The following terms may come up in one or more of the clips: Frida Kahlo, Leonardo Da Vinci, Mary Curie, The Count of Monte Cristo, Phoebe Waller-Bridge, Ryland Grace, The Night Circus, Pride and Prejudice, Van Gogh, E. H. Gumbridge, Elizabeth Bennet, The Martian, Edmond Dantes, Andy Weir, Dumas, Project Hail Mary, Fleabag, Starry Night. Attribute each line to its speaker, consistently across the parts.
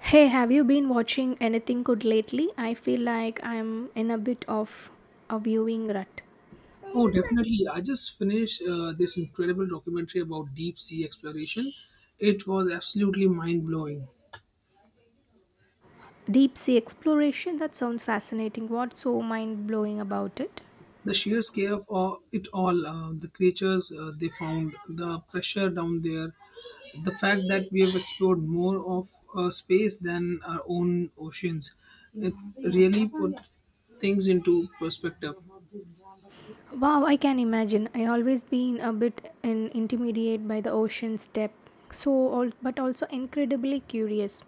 Speaker 1: Hey, have you been watching anything good lately? I feel like I'm in a bit of a viewing rut.
Speaker 2: Oh, definitely. I just finished this incredible documentary about deep sea exploration. It was absolutely mind blowing.
Speaker 1: Deep sea exploration? That sounds fascinating. What's so mind blowing about it?
Speaker 2: The sheer scale of the creatures they found, the pressure down there, the fact that we have explored more of space than our own oceans. It really put things into perspective.
Speaker 1: Wow, I can imagine. I always been a bit intimidated by the ocean's depth. But also incredibly curious.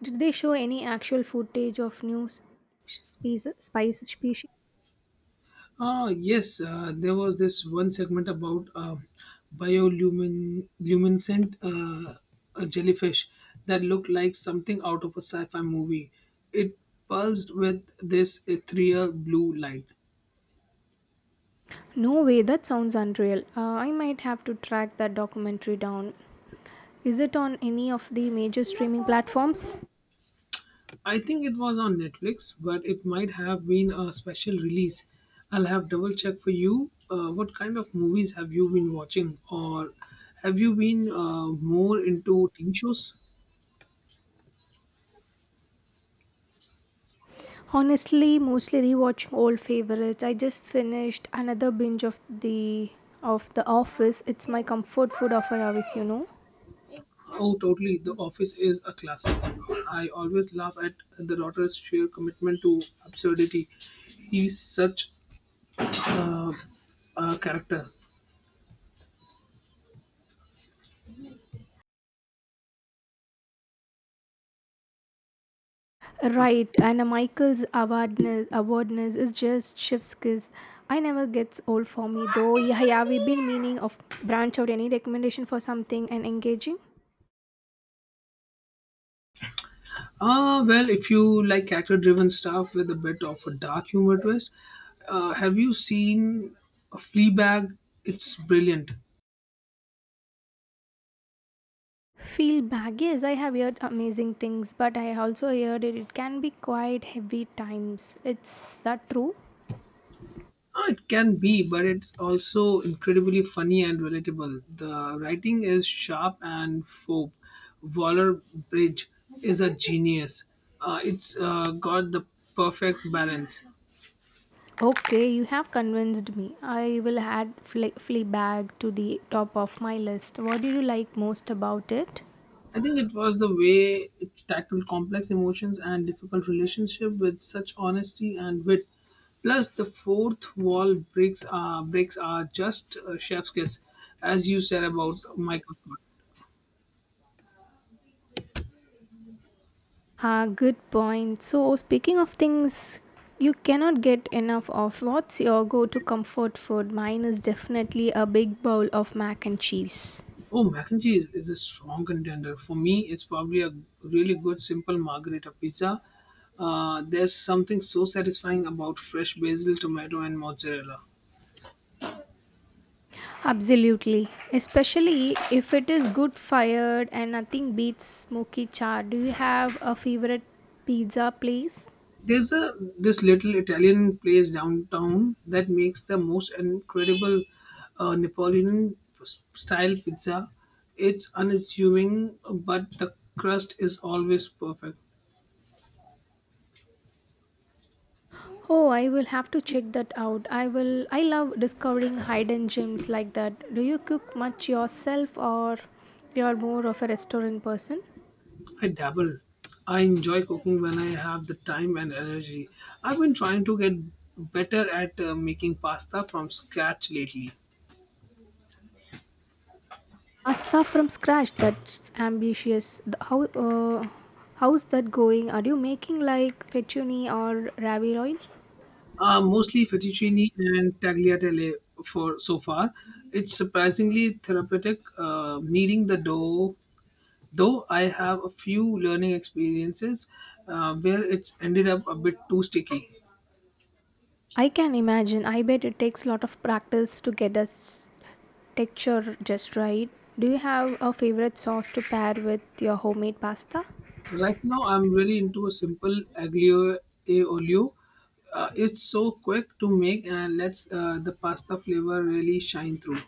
Speaker 1: Did they show any actual footage of species? Spice species?
Speaker 2: Yes, there was this one segment about bioluminescent a jellyfish that looked like something out of a sci fi movie. It pulsed with this ethereal blue light.
Speaker 1: No way. That sounds unreal. I might have to track that documentary down. Is it on any of the major streaming platforms?
Speaker 2: I think it was on Netflix, but it might have been a special release. I'll have double check for you. What kind of movies have you been watching, or have you been more into TV shows?
Speaker 1: Honestly, mostly rewatching old favorites. I just finished another binge of The Office. It's my comfort food of an office.
Speaker 2: Oh, totally. The Office is a classic. I always laugh at the Rotter's sheer commitment to absurdity. He's such a character.
Speaker 1: Right, and Michael's awardness is just chef's kiss. I never gets old for me though. Yeah, yeah, we've been meaning of branch out any recommendation for something and engaging.
Speaker 2: Ah, well, if you like character driven stuff with a bit of a dark humor twist, have you seen Fleabag? It's brilliant.
Speaker 1: Feel bag? Yes, I have heard amazing things, but I also heard it can be quite heavy times. It's that true?
Speaker 2: It can be, but it's also incredibly funny and relatable. The writing is sharp and fob. Waller Bridge is a genius. It's got the perfect balance.
Speaker 1: Okay, you have convinced me. I will add flea bag to the top of my list. What do you like most about it?
Speaker 2: I think it was the way it tackled complex emotions and difficult relationship with such honesty and wit. Plus, the fourth wall breaks are just a chef's kiss, as you said about Michael Scott.
Speaker 1: Ah, good point. So, speaking of things you cannot get enough of, what's your go to comfort food? Mine is definitely a big bowl of mac and cheese.
Speaker 2: Oh, mac and cheese is a strong contender. For me, it's probably a really good simple margherita pizza. There's something so satisfying about fresh basil, tomato, and mozzarella.
Speaker 1: Absolutely. Especially if it is good fired and nothing beats smoky char. Do you have a favorite pizza place?
Speaker 2: There's a This little Italian place downtown that makes the most incredible Napoleon s- style pizza. It's unassuming, but the crust is always perfect.
Speaker 1: Oh, I will have to check that out. I love discovering hidden gems like that. Do you cook much yourself or you're more of a restaurant person?
Speaker 2: I dabble. I enjoy cooking when I have the time and energy. I've been trying to get better at making pasta from scratch lately.
Speaker 1: Pasta from scratch, that's ambitious. How's that going? Are you making like fettuccine or ravioli?
Speaker 2: Mostly fettuccine and tagliatelle for so far. It's surprisingly therapeutic kneading the dough. Though I have a few learning experiences where it's ended up a bit too sticky.
Speaker 1: I can imagine. I bet it takes a lot of practice to get texture just right. Do you have a favorite sauce to pair with your homemade pasta?
Speaker 2: Right now, I'm really into a simple aglio e olio. It's so quick to make and lets the pasta flavor really shine through.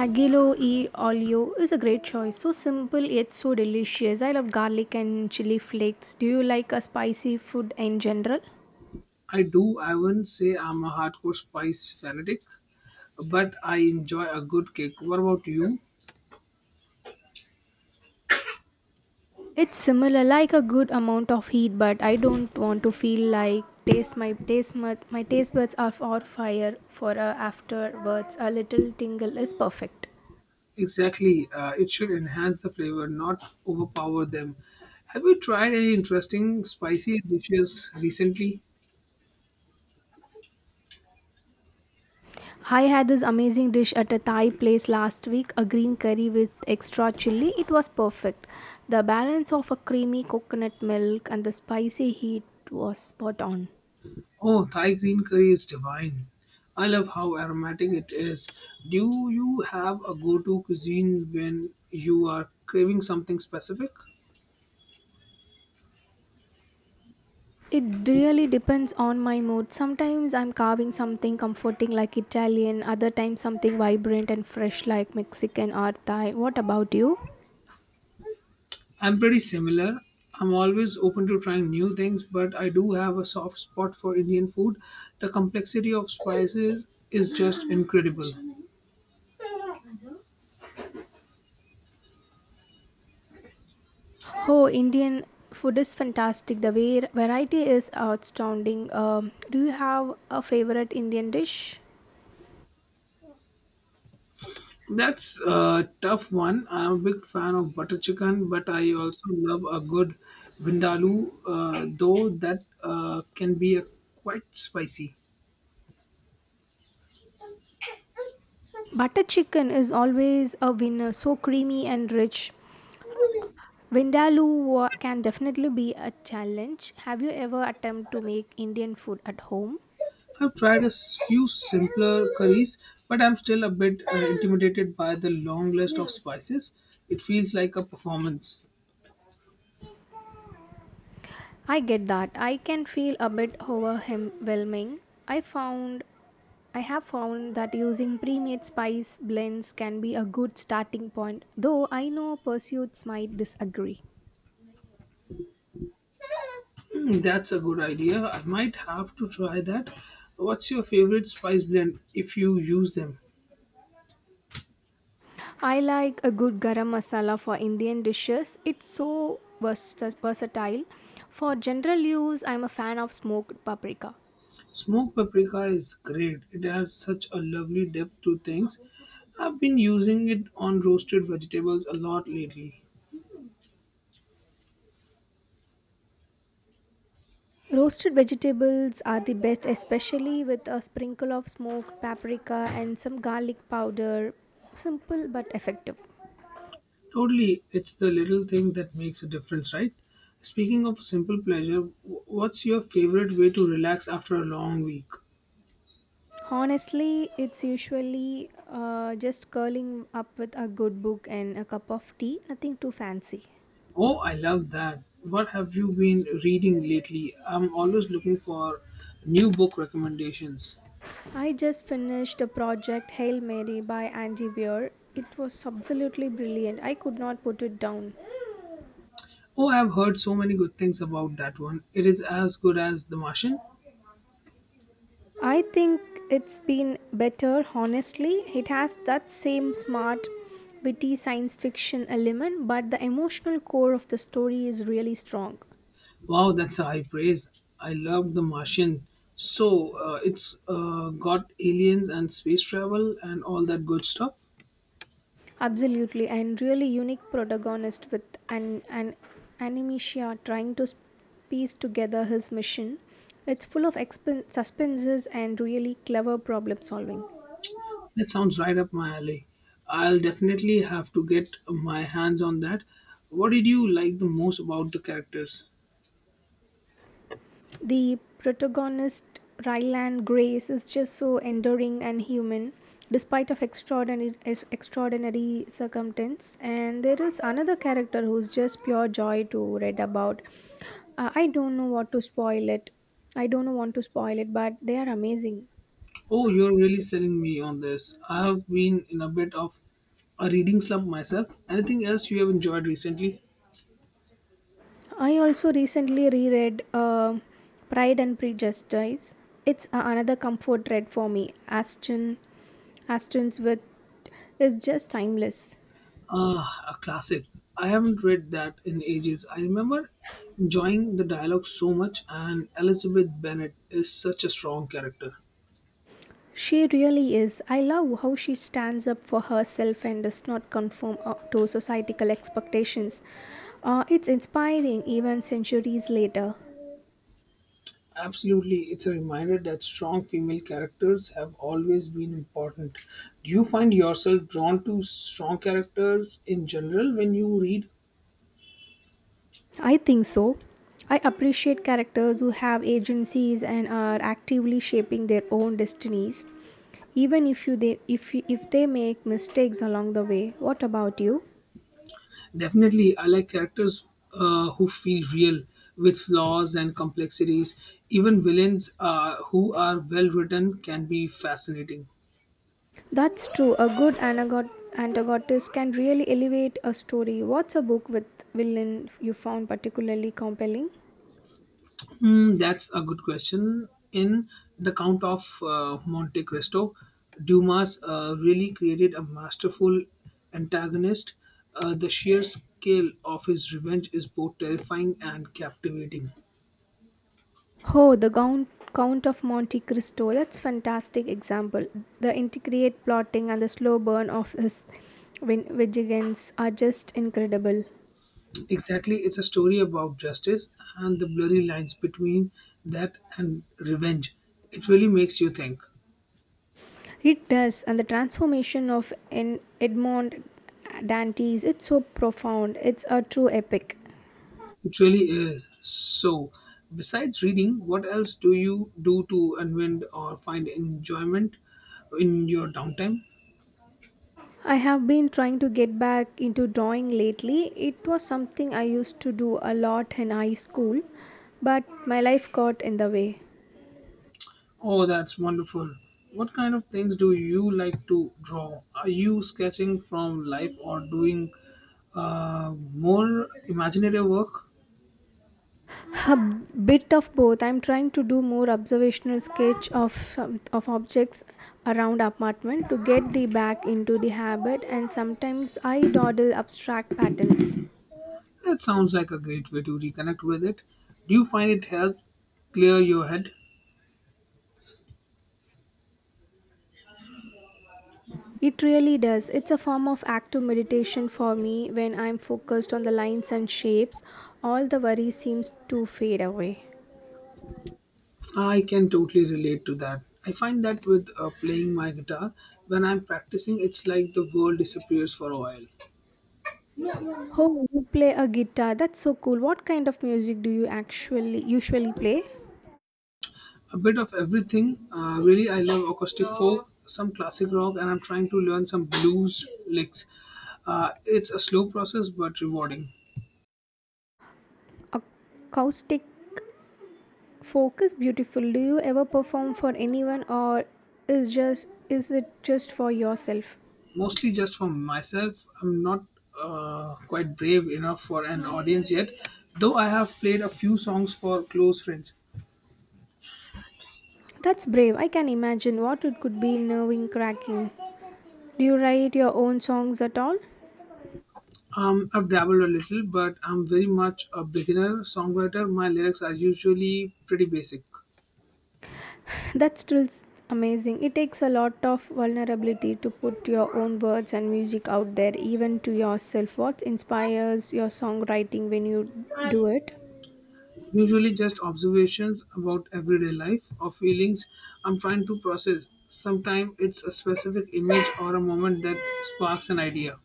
Speaker 1: Aglio e olio is a great choice. So simple yet so delicious. I love garlic and chili flakes. Do you like a spicy food in general?
Speaker 2: I do. I wouldn't say I'm a hardcore spice fanatic, but I enjoy a good cake. What about you?
Speaker 1: It's similar, like a good amount of heat, but I don't want to feel like taste my taste buds are for fire for afterwards. A little tingle is perfect.
Speaker 2: Exactly. It should enhance the flavor, not overpower them. Have you tried any interesting spicy dishes recently?
Speaker 1: I had this amazing dish at a Thai place last week, a green curry with extra chili. It was perfect. The balance of a creamy coconut milk and the spicy heat was spot on.
Speaker 2: Oh, Thai green curry is divine. I love how aromatic it is. Do you have a go to cuisine when you are craving something specific?
Speaker 1: It really depends on my mood. Sometimes I'm carving something comforting like Italian, other times something vibrant and fresh like Mexican or Thai. What about you?
Speaker 2: I'm pretty similar. I'm always open to trying new things, but I do have a soft spot for Indian food. The complexity of spices is just incredible.
Speaker 1: Oh, Indian food is fantastic. The variety is outstanding. Do you have a favorite Indian dish?
Speaker 2: That's a tough one. I'm a big fan of butter chicken, but I also love a good vindaloo, though that can be a quite spicy.
Speaker 1: Butter chicken is always a winner, so creamy and rich. Can definitely be a challenge. Have you ever attempted to make Indian food at home?
Speaker 2: I've tried a s- few simpler curries, but I'm still a bit intimidated by the long list of spices. It feels like a performance.
Speaker 1: I get that. I can feel a bit overwhelming. I found I have found that using pre-made spice blends can be a good starting point, though I know pursuits might disagree.
Speaker 2: Hmm, that's a good idea. I might have to try that. What's your favorite spice blend if you use them?
Speaker 1: I like a good garam masala for Indian dishes. It's so versatile. For general use, I'm a fan of smoked paprika.
Speaker 2: Smoked paprika is great. It adds such a lovely depth to things. I've been using it on roasted vegetables a lot lately.
Speaker 1: Roasted vegetables are the best, especially with a sprinkle of smoked paprika and some garlic powder. Simple but effective.
Speaker 2: Totally, it's the little thing that makes a difference, right? Speaking of simple pleasure, wh- what's your favorite way to relax after a long week?
Speaker 1: Honestly, it's usually just curling up with a good book and a cup of tea, nothing too fancy.
Speaker 2: Oh, I love that. What have you been reading lately? I'm always looking for new book recommendations.
Speaker 1: I just finished the project Hail Mary by Andy Weir. It was absolutely brilliant. I could not put it down.
Speaker 2: Oh, I've heard so many good things about that one. It is as good as The Martian.
Speaker 1: I think it's been better, honestly. It has that same smart, witty science fiction element, but the emotional core of the story is really strong.
Speaker 2: Wow, that's a high praise. I love The Martian. So it's got aliens and space travel and all that good stuff.
Speaker 1: Absolutely, and really unique protagonist with an animatia trying to piece together his mission. It's full of suspenses and really clever problem solving.
Speaker 2: That sounds right up my alley. I'll definitely have to get my hands on that. What did you like the most about the characters?
Speaker 1: The protagonist, Ryland Grace, is just so enduring and human, despite of extraordinary circumstance. And there is another character who's just pure joy to read about. I don't know what to spoil it. I don't know want to spoil it, but they are amazing.
Speaker 2: Oh, you're really selling me on this. I have been in a bit of a reading slump myself. Anything else you have enjoyed recently?
Speaker 1: I also recently reread Pride and Prejudice. Another comfort read for me. Aston's with is just timeless.
Speaker 2: Ah, a classic. I haven't read that in ages. I remember enjoying the dialogue so much, and Elizabeth Bennet is such a strong character.
Speaker 1: She really is. I love how she stands up for herself and does not conform to societal expectations. It's inspiring even centuries later.
Speaker 2: Absolutely, it's a reminder that strong female characters have always been important. Do you find yourself drawn to strong characters in general when you read?
Speaker 1: I think so. I appreciate characters who have agencies and are actively shaping their own destinies, even if you they if you, if they make mistakes along the way. What about you?
Speaker 2: Definitely, I like characters who feel real with flaws and complexities. Even villains who are well written can be fascinating.
Speaker 1: That's true. A good antagonist can really elevate a story. What's a book with villain you found particularly compelling?
Speaker 2: Hmm, that's a good question. In The Count of Monte Cristo, Dumas really created a masterful antagonist. The sheer scale of his revenge is both terrifying and captivating.
Speaker 1: Oh, Count of Monte Cristo. That's fantastic example. The intricate plotting and the slow burn of his vigilance are just incredible.
Speaker 2: Exactly, it's a story about justice and the blurry lines between that and revenge. It really makes you think.
Speaker 1: It does, and the transformation of Edmond Dantes, it's so profound. It's a true epic.
Speaker 2: It really is. So, besides reading, what else do you do to unwind or find enjoyment in your downtime?
Speaker 1: I have been trying to get back into drawing lately. It was something I used to do a lot in high school, but my life got in the way.
Speaker 2: Oh, that's wonderful. What kind of things do you like to draw? Are you sketching from life or doing more imaginative work?
Speaker 1: A bit of both. I'm trying to do more observational sketch of objects around apartment to get the back into the habit and sometimes I dawdle abstract patterns.
Speaker 2: That sounds like a great way to reconnect with it. Do you find it helps clear your head?
Speaker 1: It really does. It's a form of active meditation for me when I'm focused on the lines and shapes. All the worry seems to fade away.
Speaker 2: I can totally relate to that. I find that with playing my guitar, when I'm practicing, it's like the world disappears for a while.
Speaker 1: Oh, you play a guitar. That's so cool. What kind of music do you actually usually play?
Speaker 2: A bit of everything. Really, I love acoustic folk, some classic rock, and I'm trying to learn some blues licks. It's a slow process but rewarding.
Speaker 1: Acoustic focus beautiful. Do you ever perform for anyone or is it just for yourself?
Speaker 2: Mostly just for myself. I'm not quite brave enough for an audience yet, though I have played a few songs for close friends.
Speaker 1: That's brave. I can imagine what it could be nerve cracking. Do you write your own songs at all?
Speaker 2: I've dabbled a little, but I'm very much a beginner songwriter. My lyrics are usually pretty basic,
Speaker 1: That's still s- amazing. It takes a lot of vulnerability to put your own words and music out there, even to yourself. What inspires your songwriting when you do it?
Speaker 2: usually just observations about everyday life or feelings I'm trying to process. Sometimes it's a specific image or a moment that sparks an idea.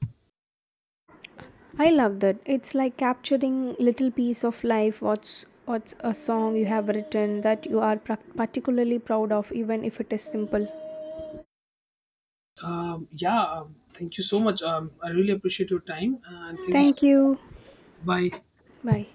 Speaker 1: I love that. It's like capturing little piece of life. What's a song you have written that you are prac particularly proud of, even if it is simple.
Speaker 2: Yeah, Thank you so much. I really appreciate your time and thank you.
Speaker 1: Thank you.
Speaker 2: Bye.
Speaker 1: Bye.